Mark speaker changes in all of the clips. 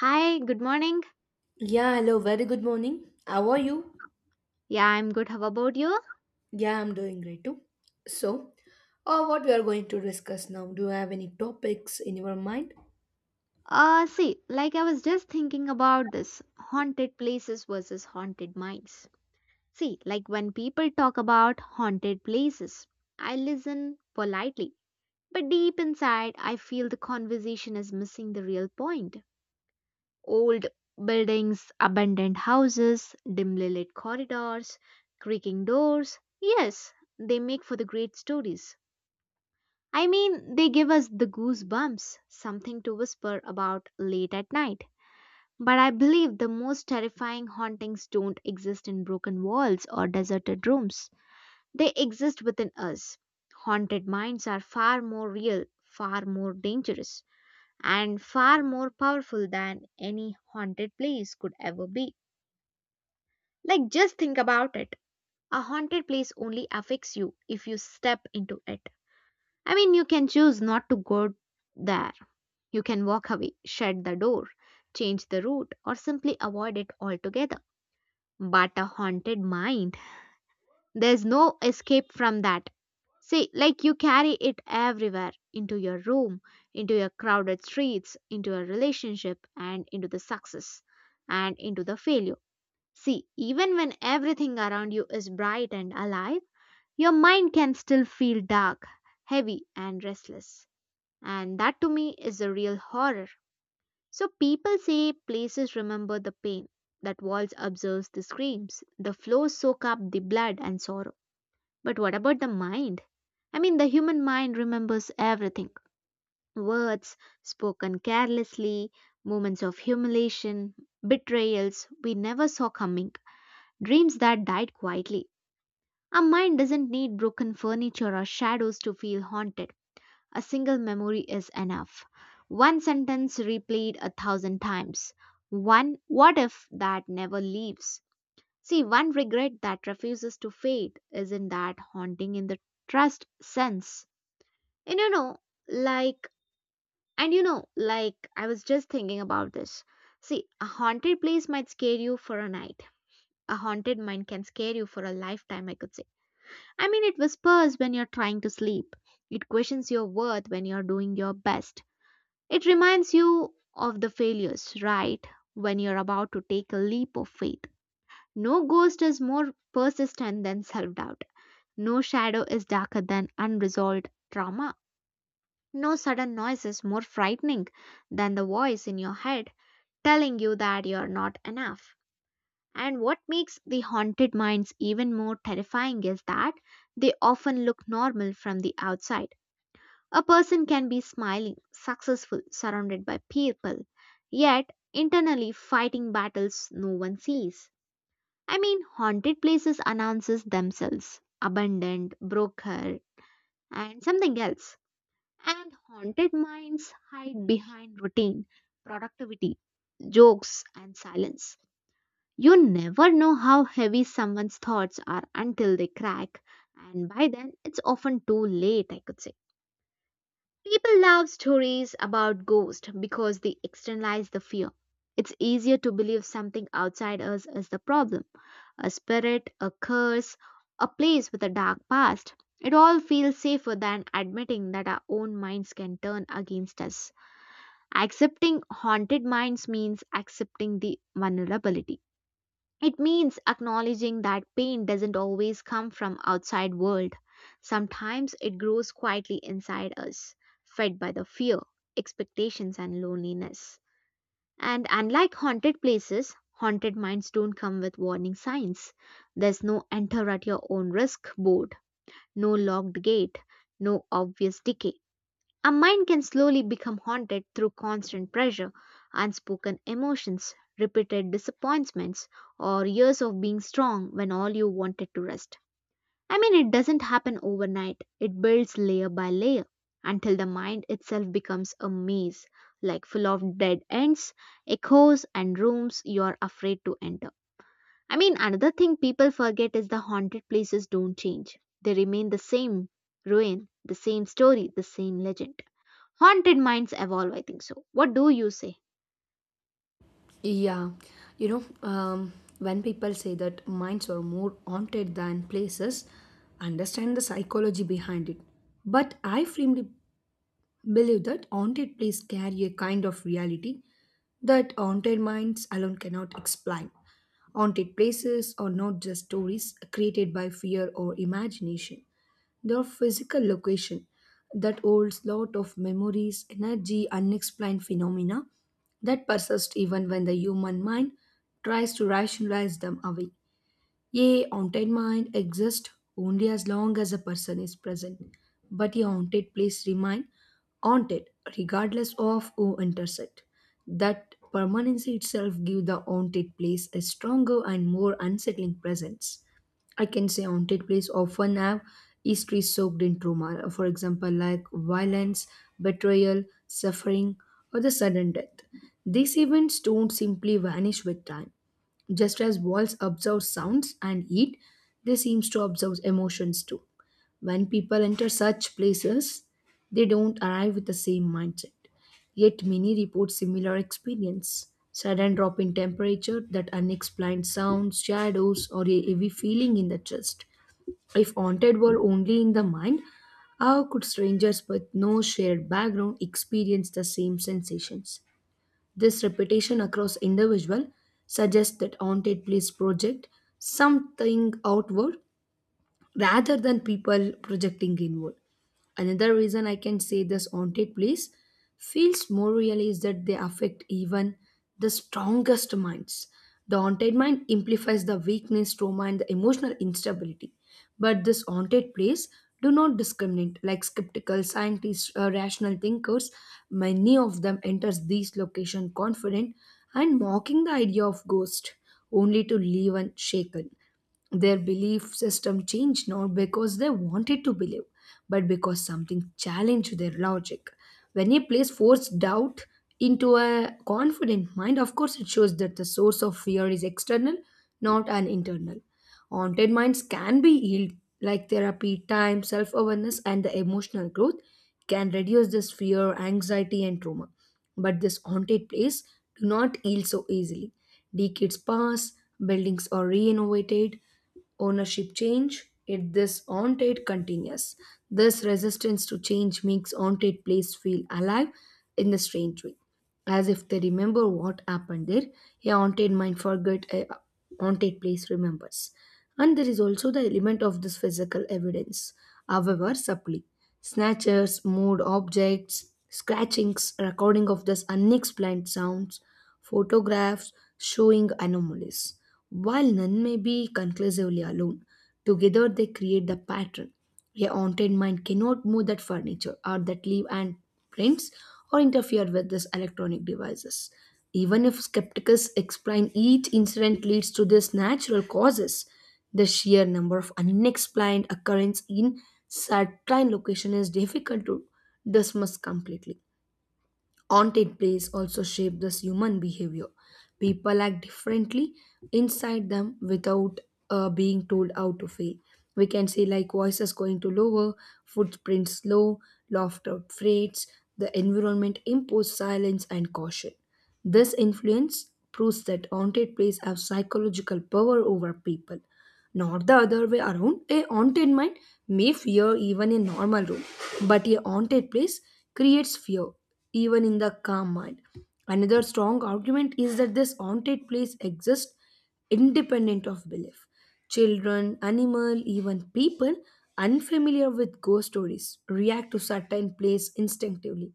Speaker 1: Hi, good morning.
Speaker 2: Yeah, hello, very good morning. How are you?
Speaker 1: Yeah, I'm good. How about you?
Speaker 2: Yeah, I'm doing great too. So, what we are going to discuss now? Do you have any topics in your mind?
Speaker 1: See, I was just thinking about this haunted places versus haunted minds. See, like when people talk about haunted places, I listen politely, but deep inside, I feel the conversation is missing the real point. Old buildings, abandoned houses, dimly lit corridors, creaking doors. Yes, they make for the great stories. I mean, they give us the goosebumps, something to whisper about late at night. But I believe the most terrifying hauntings don't exist in broken walls or deserted rooms. They exist within us. Haunted minds are far more real, far more dangerous, and far more powerful than any haunted place could ever be. Like, just think about it. A haunted place only affects you if you step into it. I mean, you can choose not to go there. You can walk away, shut the door, change the route, or simply avoid it altogether. But a haunted mind, there's no escape from that. See, like you carry it everywhere, into your room, into your crowded streets, into your relationship, and into the success and into the failure. See, even when everything around you is bright and alive, your mind can still feel dark, heavy, and restless. And that, to me, is the real horror. So people say places remember the pain, that walls observe the screams, the floors soak up the blood and sorrow. But what about the mind? I mean, the human mind remembers everything: words spoken carelessly, moments of humiliation, betrayals we never saw coming, dreams that died quietly. Our mind doesn't need broken furniture or shadows to feel haunted. A single memory is enough. One sentence replayed a thousand times. One what if that never leaves. See, one regret that refuses to fade isn't that haunting in the trust sense. And you know, like, and you know, like, I was just thinking about this. See, a haunted place might scare you for a night. A haunted mind can scare you for a lifetime, I could say. I mean, it whispers when you're trying to sleep. It questions your worth when you're doing your best. It reminds you of the failures, right? When you're about to take a leap of faith. No ghost is more persistent than self doubt. No shadow is darker than unresolved trauma. No sudden noise is more frightening than the voice in your head telling you that you're not enough. And what makes the haunted minds even more terrifying is that they often look normal from the outside. A person can be smiling, successful, surrounded by people, yet internally fighting battles no one sees. I mean, haunted places announces themselves abandoned, broker, and something else. And haunted minds hide behind routine, productivity, jokes, and silence. You never know how heavy someone's thoughts are until they crack, and by then it's often too late, I could say. People love stories about ghosts because they externalize the fear. It's easier to believe something outside us is the problem: a spirit, a curse, a place with a dark past. It all feels safer than admitting that our own minds can turn against us. Accepting haunted minds means accepting the vulnerability. It means acknowledging that pain doesn't always come from outside world. Sometimes it grows quietly inside us, fed by the fear, expectations and loneliness. And unlike haunted places, haunted minds don't come with warning signs. There's no enter at your own risk board, no locked gate, no obvious decay. A mind can slowly become haunted through constant pressure, unspoken emotions, repeated disappointments, or years of being strong when all you wanted to rest. I mean, it doesn't happen overnight, it builds layer by layer until the mind itself becomes a maze, like full of dead ends, echoes, and rooms you are afraid to enter. I mean, another thing people forget is the haunted places don't change, they remain the same ruin, the same story, the same legend. Haunted minds evolve, I think so. What do you say?
Speaker 2: Yeah, you know, um, when people say that minds are more haunted than places, understand the psychology behind it. But I firmly. Believe that haunted places carry a kind of reality that haunted minds alone cannot explain. Haunted places are not just stories created by fear or imagination. They are physical location that holds lot of memories, energy, unexplained phenomena that persist even when the human mind tries to rationalize them away. A haunted mind exists only as long as a person is present, but a haunted place remains haunted regardless of who enters it. That permanency itself gives the haunted place a stronger and more unsettling presence. I can say haunted place often have history soaked in trauma, for example, like violence, betrayal, suffering, or the sudden death. These events don't simply vanish with time. Just as walls absorb sounds and heat, they seem to absorb emotions too. When people enter such places, they don't arrive with the same mindset. Yet many report similar experience. Sudden drop in temperature, that unexplained sounds, shadows, or a heavy feeling in the chest. If haunted were only in the mind, how could strangers with no shared background experience the same sensations? This repetition across individual suggests that haunted place project something outward rather than people projecting inward. Another reason I can say this haunted place feels more real is that they affect even the strongest minds. The haunted mind amplifies the weakness, trauma, and the emotional instability. But this haunted place do not discriminate. Like skeptical scientists, rational thinkers, many of them enters these location confident and mocking the idea of ghost, only to leave unshaken. Their belief system changed not because they wanted to believe, but because something challenged their logic. When a place forced doubt into a confident mind, of course, it shows that the source of fear is external, not an internal. Haunted minds can be healed, like therapy, time, self awareness, and the emotional growth can reduce this fear, anxiety, and trauma. But this haunted place do not heal so easily. Decades pass, buildings are renovated, ownership change if this on-trade continues this resistance to change makes on-trade place feel alive in a strange way as if they remember what happened there a haunted mind forgot a haunted place remembers and there is also the element of this physical evidence however subtly snatchers moved objects scratchings recording of this unexplained sounds photographs showing anomalies while none may be conclusively alone, together they create the pattern. A haunted mind cannot move that furniture or that leaf and prints or interfere with these electronic devices. Even if skeptics explain each incident leads to these natural causes, the sheer number of unexplained occurrences in certain location is difficult to dismiss completely. Haunted place also shape this human behavior. People act differently inside them without being told how to feel. We can see like voices going to lower, footprints slow, laughter fades, the environment imposes silence and caution. This influence proves that haunted places have psychological power over people not the other way around. A haunted mind may fear even a normal room, but a haunted place creates fear even in the calm mind. Another strong argument is that this haunted place exists independent of belief. Children, animal, even people unfamiliar with ghost stories react to certain place instinctively.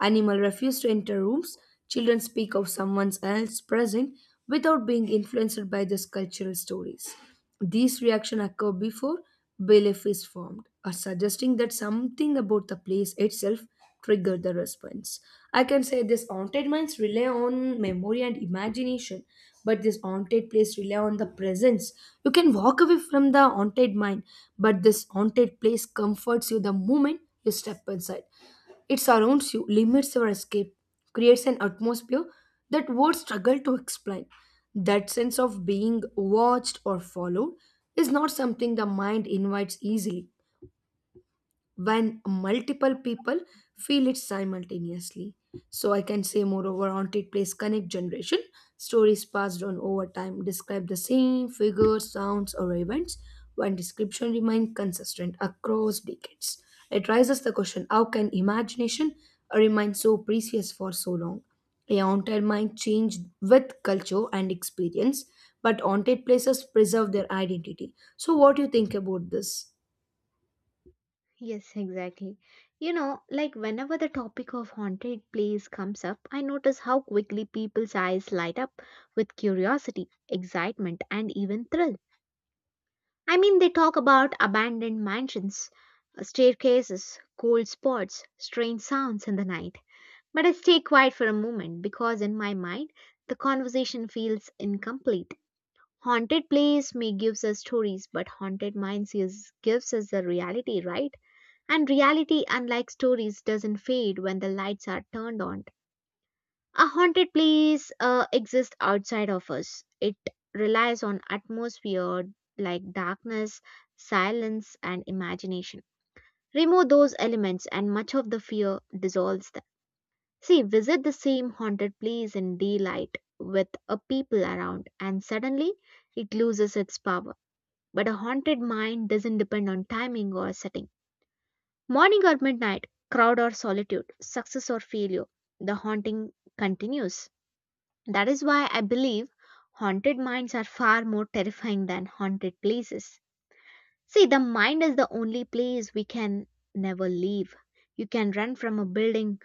Speaker 2: Animal refuse to enter rooms. Children speak of someone else's present without being influenced by these cultural stories. These reactions occur before belief is formed, or suggesting that something about the place itself triggered the response. I can say this haunted minds rely on memory and imagination, but this haunted place rely on the presence. You can walk away from the haunted mind, but this haunted place comforts you the moment you step inside. It surrounds you, limits your escape, creates an atmosphere that words struggle to explain. That sense of being watched or followed is not something the mind invites easily when multiple people feel it simultaneously. So I can say, moreover, haunted place connect generation. Stories passed on over time describe the same figures, sounds, or events, when description remains consistent across decades. It raises the question: How can imagination remain so precious for so long? A haunted mind changed with culture and experience, but haunted places preserve their identity. So, what do you think about this?
Speaker 1: Yes, exactly. You know, like whenever the topic of haunted place comes up, I notice how quickly people's eyes light up with curiosity, excitement, and even thrill. I mean, they talk about abandoned mansions, staircases, cold spots, strange sounds in the night. But I stay quiet for a moment because in my mind, the conversation feels incomplete. Haunted place may gives us stories, but haunted minds is, gives us the reality, right? And reality, unlike stories, doesn't fade when the lights are turned on. A haunted place exists outside of us. It relies on atmosphere like darkness, silence, and imagination. Remove those elements, and much of the fear dissolves them. See, visit the same haunted place in daylight with a people around, and suddenly it loses its power, but a haunted mind doesn't depend on timing or setting. Morning or midnight, crowd or solitude, success or failure, the haunting continues. That is why I believe haunted minds are far more terrifying than haunted places. See, the mind is the only place we can never leave. You can run from a building,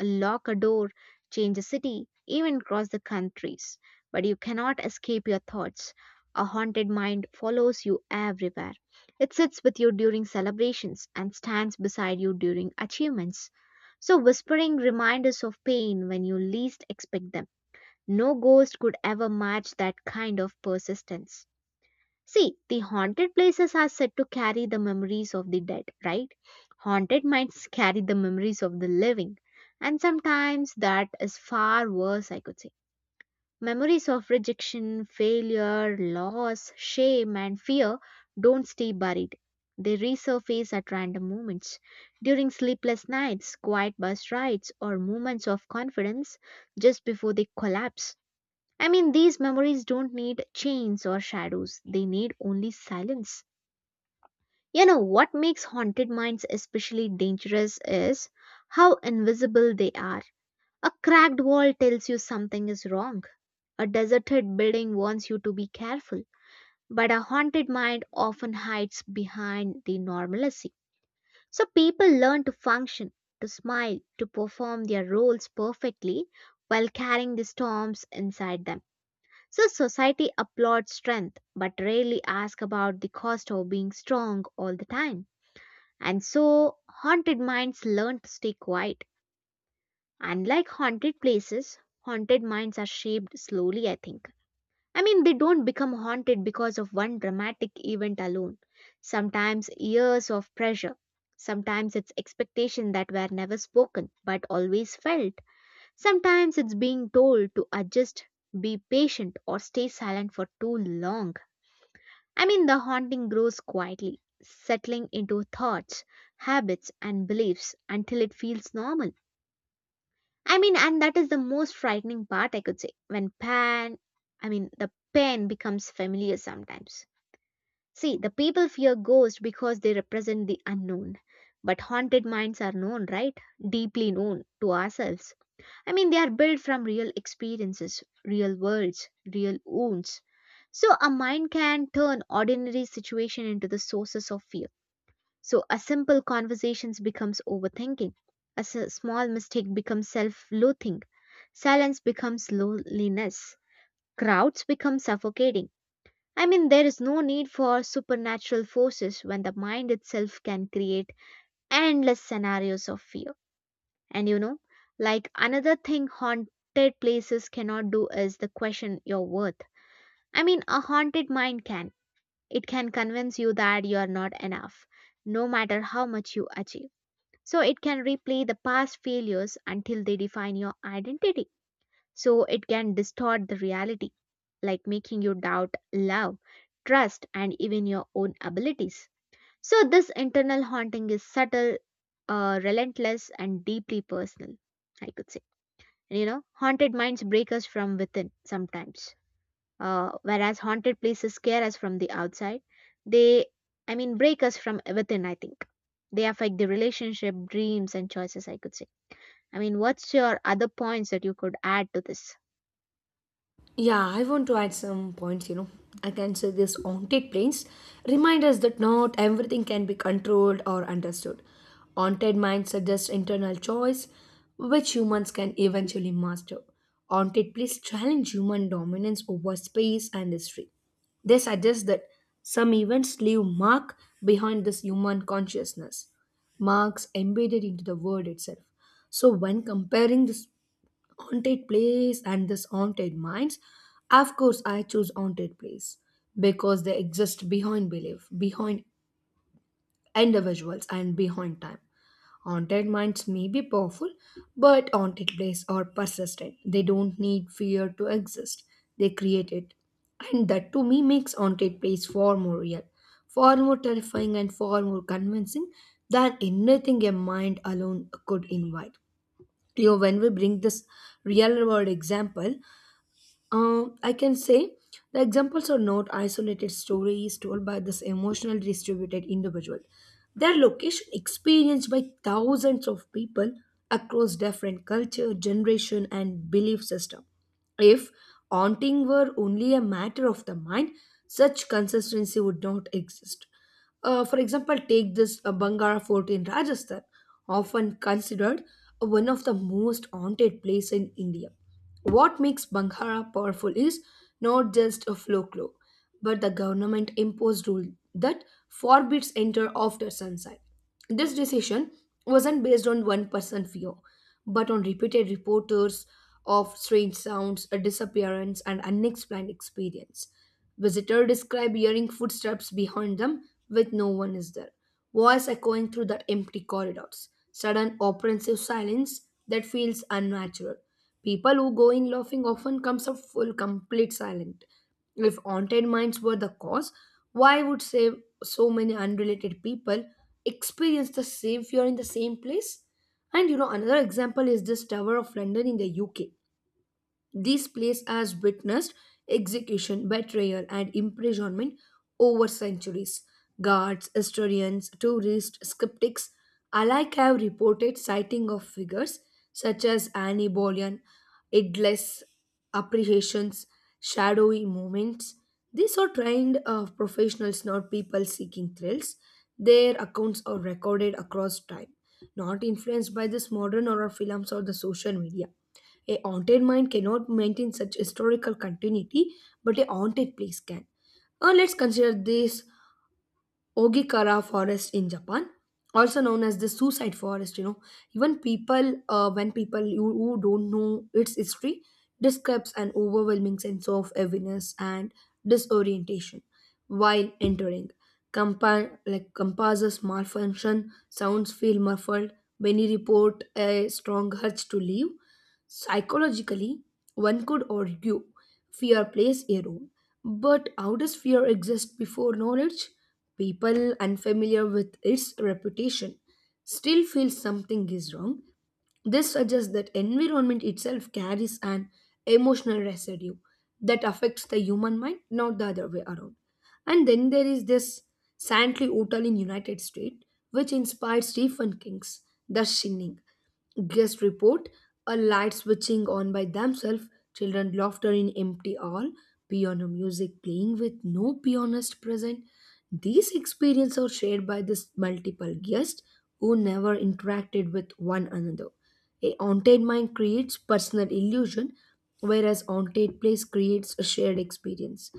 Speaker 1: lock a door, change a city, even cross the countries. But you cannot escape your thoughts. A haunted mind follows you everywhere. It sits with you during celebrations and stands beside you during achievements. So, whispering reminders of pain when you least expect them. No ghost could ever match that kind of persistence. See, the haunted places are said to carry the memories of the dead, right? Haunted minds carry the memories of the living. And sometimes that is far worse, I could say. Memories of rejection, failure, loss, shame, and fear don't stay buried. They resurface at random moments. During sleepless nights, quiet bus rides, or moments of confidence just before they collapse. I mean, these memories don't need chains or shadows, they need only silence. You know, what makes haunted minds especially dangerous is how invisible they are. A cracked wall tells you something is wrong, a deserted building wants you to be careful, but a haunted mind often hides behind the normalcy. So people learn to function, to smile, to perform their roles perfectly while carrying the storms inside them. So society applauds strength but rarely asks about the cost of being strong all the time. And so haunted minds learn to stay quiet. Unlike haunted places, haunted minds are shaped slowly, I think. I mean, they don't become haunted because of one dramatic event alone. Sometimes years of pressure. Sometimes it's expectation that were never spoken but always felt. Sometimes it's being told to adjust, be patient, or stay silent for too long. I mean, the haunting grows quietly, settling into thoughts, habits, and beliefs until it feels normal. I mean, and that is the most frightening part, I could say, I mean, the pain becomes familiar sometimes. See, the people fear ghosts because they represent the unknown, but haunted minds are known, right? Deeply known to ourselves. I mean, they are built from real experiences, real worlds, real wounds. So, a mind can turn ordinary situation into the sources of fear. So, a simple conversation becomes overthinking. A small mistake becomes self-loathing. Silence becomes loneliness. Crowds become suffocating. I mean, there is no need for supernatural forces when the mind itself can create endless scenarios of fear. And you know, like another thing haunted places cannot do is the question your worth. I mean, a haunted mind can. It can convince you that you are not enough, no matter how much you achieve. So it can replay the past failures until they define your identity. So it can distort the reality, like making you doubt love, trust, and even your own abilities. So this internal haunting is subtle, relentless, and deeply personal, I could say. You know, haunted minds break us from within sometimes, whereas haunted places scare us from the outside. They break us from within, I think. They affect the relationship, dreams and choices, I could say. I mean, what's your other points that you could add to this?
Speaker 2: Yeah, I want to add some points, you know. I can say this haunted planes remind us that not everything can be controlled or understood. Haunted minds suggest internal choice, which humans can eventually master. Haunted places challenge human dominance over space and history. They suggest that some events leave mark behind this human consciousness, marks embedded into the word itself. So when comparing this haunted place and this haunted minds, of course I choose haunted place because they exist behind belief, behind individuals and behind time. Haunted minds may be powerful, but haunted places are persistent. They don't need fear to exist. They create it. And that to me makes haunted place far more real, far more terrifying and far more convincing than anything a mind alone could invite. You know, when we bring this real world example, I can say the examples are not isolated stories told by this emotionally distributed individual. Their location experienced by thousands of people across different culture, generation, and belief system. If haunting were only a matter of the mind, such consistency would not exist. For example, take this Bangara Fort in Rajasthan, often considered one of the most haunted place in India. What makes Banghara powerful is not just a folklore, but the government imposed rule that forbids enter after sunset. This decision wasn't based on one person fear, but on repeated reporters of strange sounds, a disappearance, and unexplained experience. Visitors describe hearing footsteps behind them with no one is there voice echoing through the empty corridors. Sudden, oppressive silence that feels unnatural. People who go in laughing often comes up full, complete silent. If haunted minds were the cause, why would say so many unrelated people experience the same fear in the same place? And you know, another example is this Tower of London in the UK. This place has witnessed execution, betrayal, and imprisonment over centuries. Guards, historians, tourists, skeptics alike have reported sighting of figures such as Annie Boleyn, headless apprehensions, shadowy moments. These are trained professionals, not people seeking thrills. Their accounts are recorded across time, not influenced by this modern horror films or the social media. A haunted mind cannot maintain such historical continuity, but a haunted place can. Let's consider this Ogikara forest in Japan, also known as the suicide forest. You know, even when people you, who don't know its history, describes an overwhelming sense of heaviness and disorientation while entering. Like compasses malfunction, sounds feel muffled. Many report a strong urge to leave. Psychologically, one could argue fear plays a role. But how does fear exist before knowledge? People unfamiliar with its reputation still feel something is wrong. This suggests that environment itself carries an emotional residue that affects the human mind, not the other way around. And then there is this Santley Hotel in United States, which inspired Stephen King's The Shining. Guest report a light switching on by themselves, children laughter in empty hall, piano music playing with no pianist present. These experiences are shared by this multiple guests who never interacted with one another. A haunted mind creates personal illusion, whereas haunted place creates a shared experience.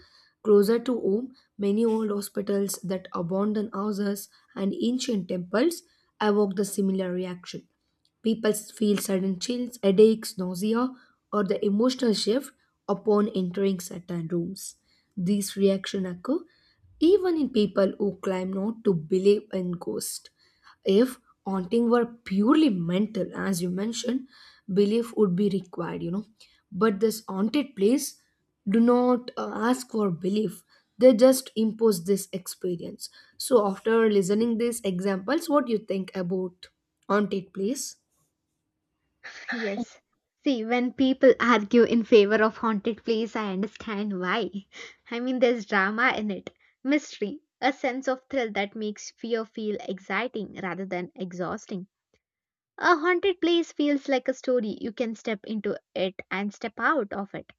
Speaker 2: Closer to home, many old hospitals that abandon houses and ancient temples evoke the similar reaction. People feel sudden chills, headaches, nausea, or the emotional shift upon entering certain rooms. These reactions occur even in people who claim not to believe in ghosts. If haunting were purely mental, as you mentioned, belief would be required, you know. But this haunted place do not ask for belief. They just impose this experience. So after listening these examples, what do you think about haunted place?
Speaker 1: Yes. See, when people argue in favor of haunted place, I understand why. I mean, there's drama in it, mystery, a sense of thrill that makes fear feel exciting rather than exhausting. A haunted place feels like a story. You can step into it and step out of it.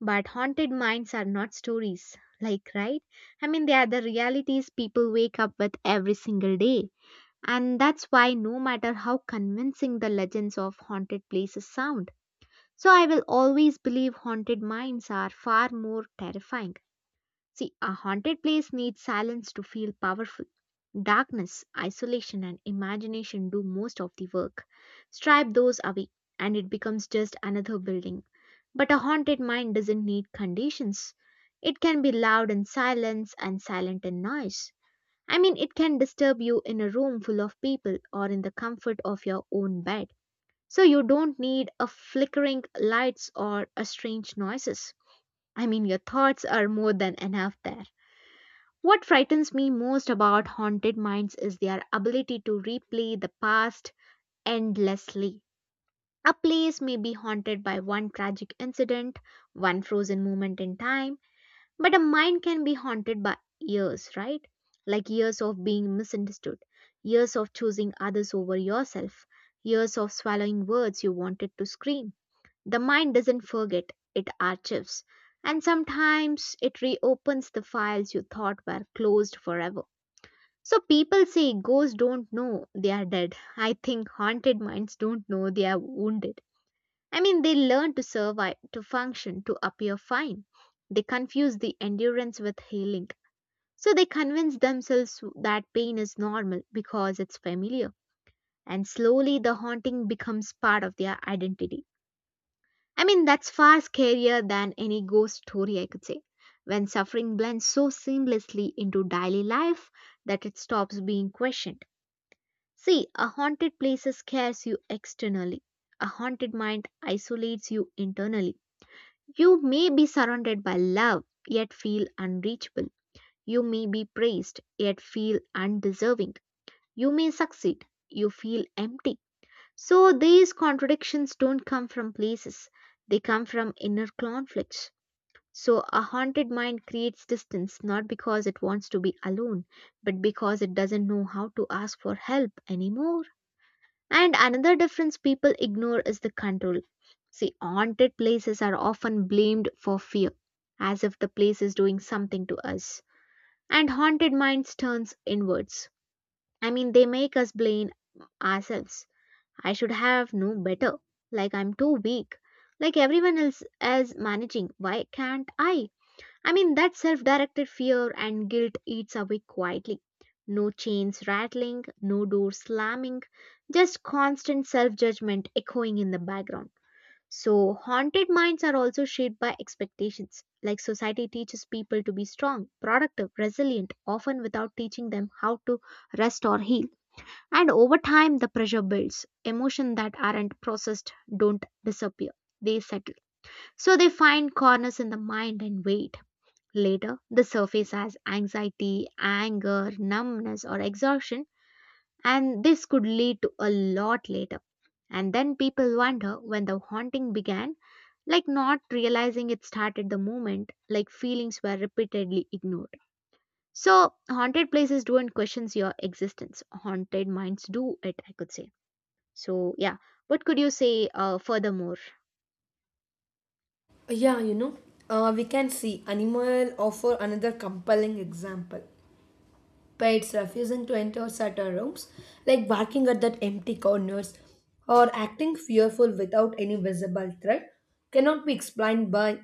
Speaker 1: But haunted minds are not stories, like, right? I mean, they are the realities people wake up with every single day. And that's why, no matter how convincing the legends of haunted places sound, so I will always believe haunted minds are far more terrifying. See, a haunted place needs silence to feel powerful. Darkness, isolation, and imagination do most of the work. Stripe those away, and it becomes just another building. But a haunted mind doesn't need conditions. It can be loud in silence and silent in noise. I mean, it can disturb you in a room full of people or in the comfort of your own bed. So you don't need a flickering lights or a strange noises. I mean, your thoughts are more than enough there. What frightens me most about haunted minds is their ability to replay the past endlessly. A place may be haunted by one tragic incident, one frozen moment in time, but a mind can be haunted by years, right? Like years of being misunderstood, years of choosing others over yourself, years of swallowing words you wanted to scream. The mind doesn't forget, it archives. And sometimes it reopens the files you thought were closed forever. So people say ghosts don't know they are dead. I think haunted minds don't know they are wounded. I mean, they learn to survive, to function, to appear fine. They confuse the endurance with healing. So they convince themselves that pain is normal because it's familiar. And slowly the haunting becomes part of their identity. I mean, that's far scarier than any ghost story, I could say. When suffering blends so seamlessly into daily life that it stops being questioned. See, a haunted place scares you externally. A haunted mind isolates you internally. You may be surrounded by love, yet feel unreachable. You may be praised, yet feel undeserving. You may succeed, you feel empty. So, these contradictions don't come from places, they come from inner conflicts. So, a haunted mind creates distance not because it wants to be alone, but because it doesn't know how to ask for help anymore. And another difference people ignore is the control. See, haunted places are often blamed for fear, as if the place is doing something to us. And haunted minds turns inwards. I mean, they make us blame ourselves. I should have known better. Like I'm too weak. Like everyone else is managing. Why can't I? I mean, that self directed fear and guilt eats away quietly. No chains rattling, no door slamming, just constant self judgment echoing in the background. So, haunted minds are also shaped by expectations. Like society teaches people to be strong, productive, resilient, often without teaching them how to rest or heal. And over time, the pressure builds. Emotions that aren't processed don't disappear, they settle. So, they find corners in the mind and wait Later, the surface as anxiety, anger, numbness, or exhaustion, and this could lead to a lot later. And then people wonder when the haunting began, like not realizing it started the moment, like feelings were repeatedly ignored. So, haunted places don't question your existence, haunted minds do it, I could say. So, yeah, what could you say furthermore?
Speaker 2: Yeah, we can see animal offer another compelling example. Pets refusing to enter certain rooms, like barking at that empty corners or acting fearful without any visible threat, cannot be explained by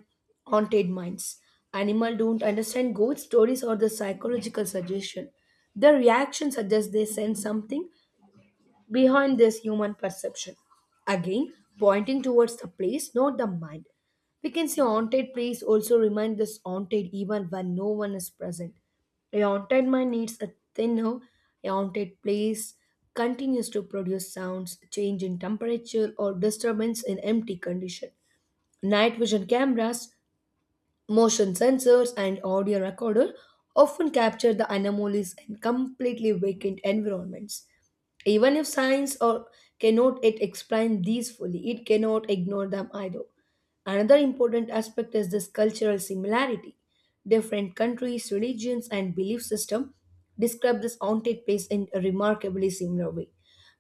Speaker 2: haunted minds. Animal don't understand ghost stories or the psychological suggestion. Their reaction suggests they sense something behind this human perception. Again, pointing towards the place, not the mind. We can say haunted place also remind this haunted even when no one is present. A haunted mind needs a thinner, a haunted place continues to produce sounds, change in temperature or disturbance in empty condition. Night vision cameras Motion sensors and audio recorder often capture the anomalies in completely vacant environments. Even if science or cannot it explain these fully, it cannot ignore them either. Another important aspect is this cultural similarity. Different countries, religions, and belief system describe this haunted place in a remarkably similar way.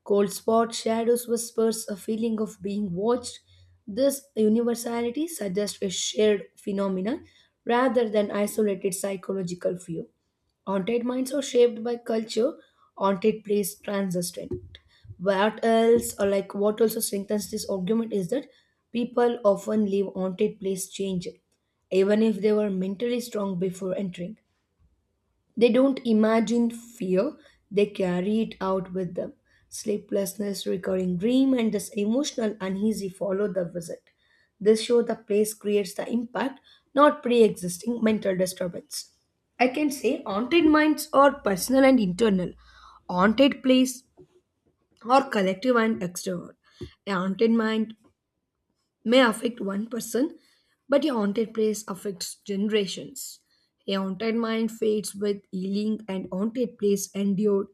Speaker 2: Cold spots, shadows, whispers, a feeling of being watched. This universality suggests a shared phenomenon rather than isolated psychological view. Haunted minds are shaped by culture, haunted place transistent, what else, or like what also strengthens this argument is that people often leave haunted place change. Even if they were mentally strong before entering, they don't imagine fear, they carry it out with them. Sleeplessness, recurring dream, and this emotional uneasy follow the visit. This show the place creates the impact, not pre-existing mental disturbance. I can say haunted minds are personal and internal. Haunted place or collective and extrovert. A haunted mind may affect one person, but a haunted place affects generations. A haunted mind fades with healing and haunted place endured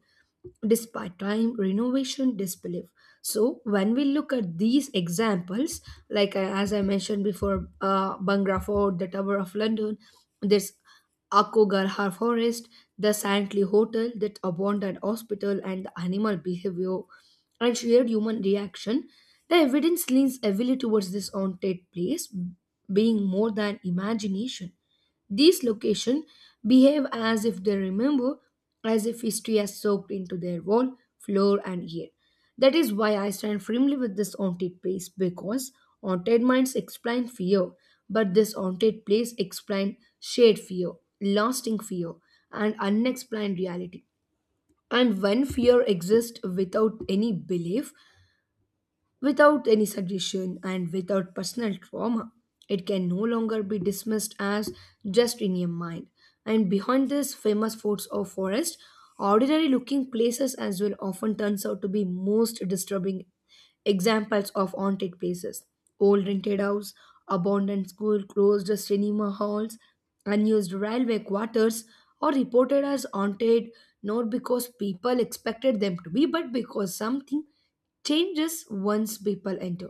Speaker 2: despite time, renovation, disbelief. So when we look at these examples, like as I mentioned before, bangra fort, the tower of london, this akogarhar forest, the saintly hotel, that abandoned hospital, and the animal behavior and shared human reaction, the evidence leans heavily towards this haunted place being more than imagination. These locations behave as if they remember, as if history has soaked into their wall, floor, and ear. That is why I stand firmly with this haunted place, because haunted minds explain fear, but this haunted place explains shared fear, lasting fear, and unexplained reality. And when fear exists without any belief, without any suggestion, and without personal trauma, it can no longer be dismissed as just in your mind. And behind these famous forts or forests, ordinary looking places as well often turns out to be most disturbing examples of haunted places. Old rented house, abandoned school, closed cinema halls, unused railway quarters are reported as haunted, not because people expected them to be, but because something changes once people enter.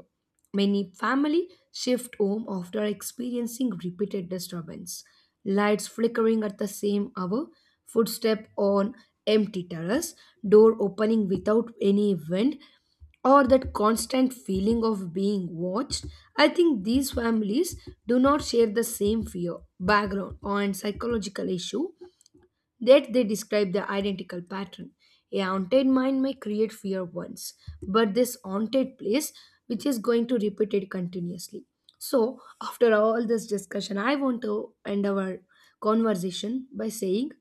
Speaker 2: Many family shift home after experiencing repeated disturbance. Lights flickering at the same hour, footstep on empty terrace, door opening without any wind, or that constant feeling of being watched, I think these families do not share the same fear, background, or psychological issue, that they describe the identical pattern. A haunted mind may create fear once, but this haunted place, which is going to repeat it continuously. So, after all this discussion, I want to end our conversation by saying,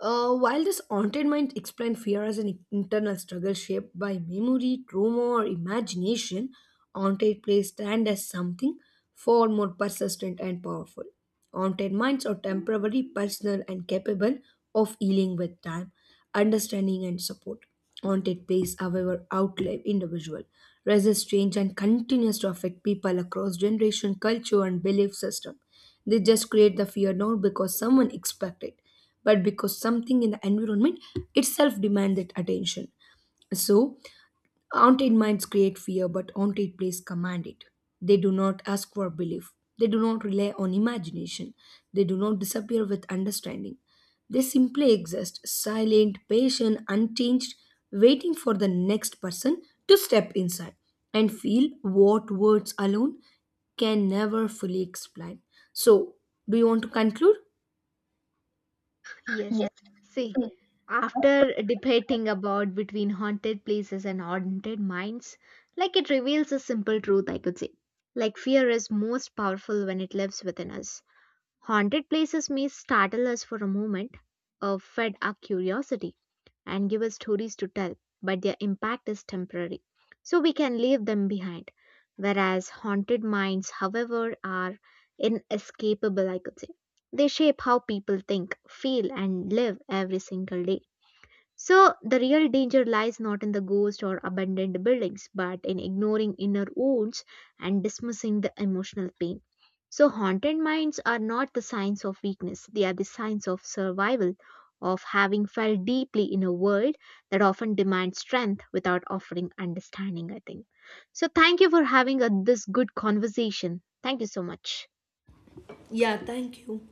Speaker 2: while this haunted mind explains fear as an internal struggle shaped by memory, trauma, or imagination, haunted plays stand as something far more persistent and powerful. Haunted minds are temporary, personal, and capable of healing with time, understanding, and support. Haunted place, however, outlive individual, resists change, and continues to affect people across generation, culture, and belief system. They just create the fear not because someone expect it, but because something in the environment itself demand that attention. So, haunted minds create fear, but haunted places command it. They do not ask for belief. They do not rely on imagination. They do not disappear with understanding. They simply exist, silent, patient, unchanged, waiting for the next person to step inside and feel what words alone can never fully explain. So, do you want to conclude?
Speaker 1: Yes.
Speaker 2: Yes.
Speaker 1: See, after debating about between haunted places and haunted minds, like it reveals a simple truth, I could say. Like fear is most powerful when it lives within us. Haunted places may startle us for a moment, fed our curiosity and give us stories to tell, but their impact is temporary. So we can leave them behind. Whereas haunted minds, however, are inescapable, I could say. They shape how people think, feel, and live every single day. So, the real danger lies not in the ghost or abandoned buildings, but in ignoring inner wounds and dismissing the emotional pain. So, haunted minds are not the signs of weakness, they are the signs of survival, of having felt deeply in a world that often demands strength without offering understanding, I think. So, thank you for having a, this good conversation. Thank you so much.
Speaker 2: Yeah, thank you.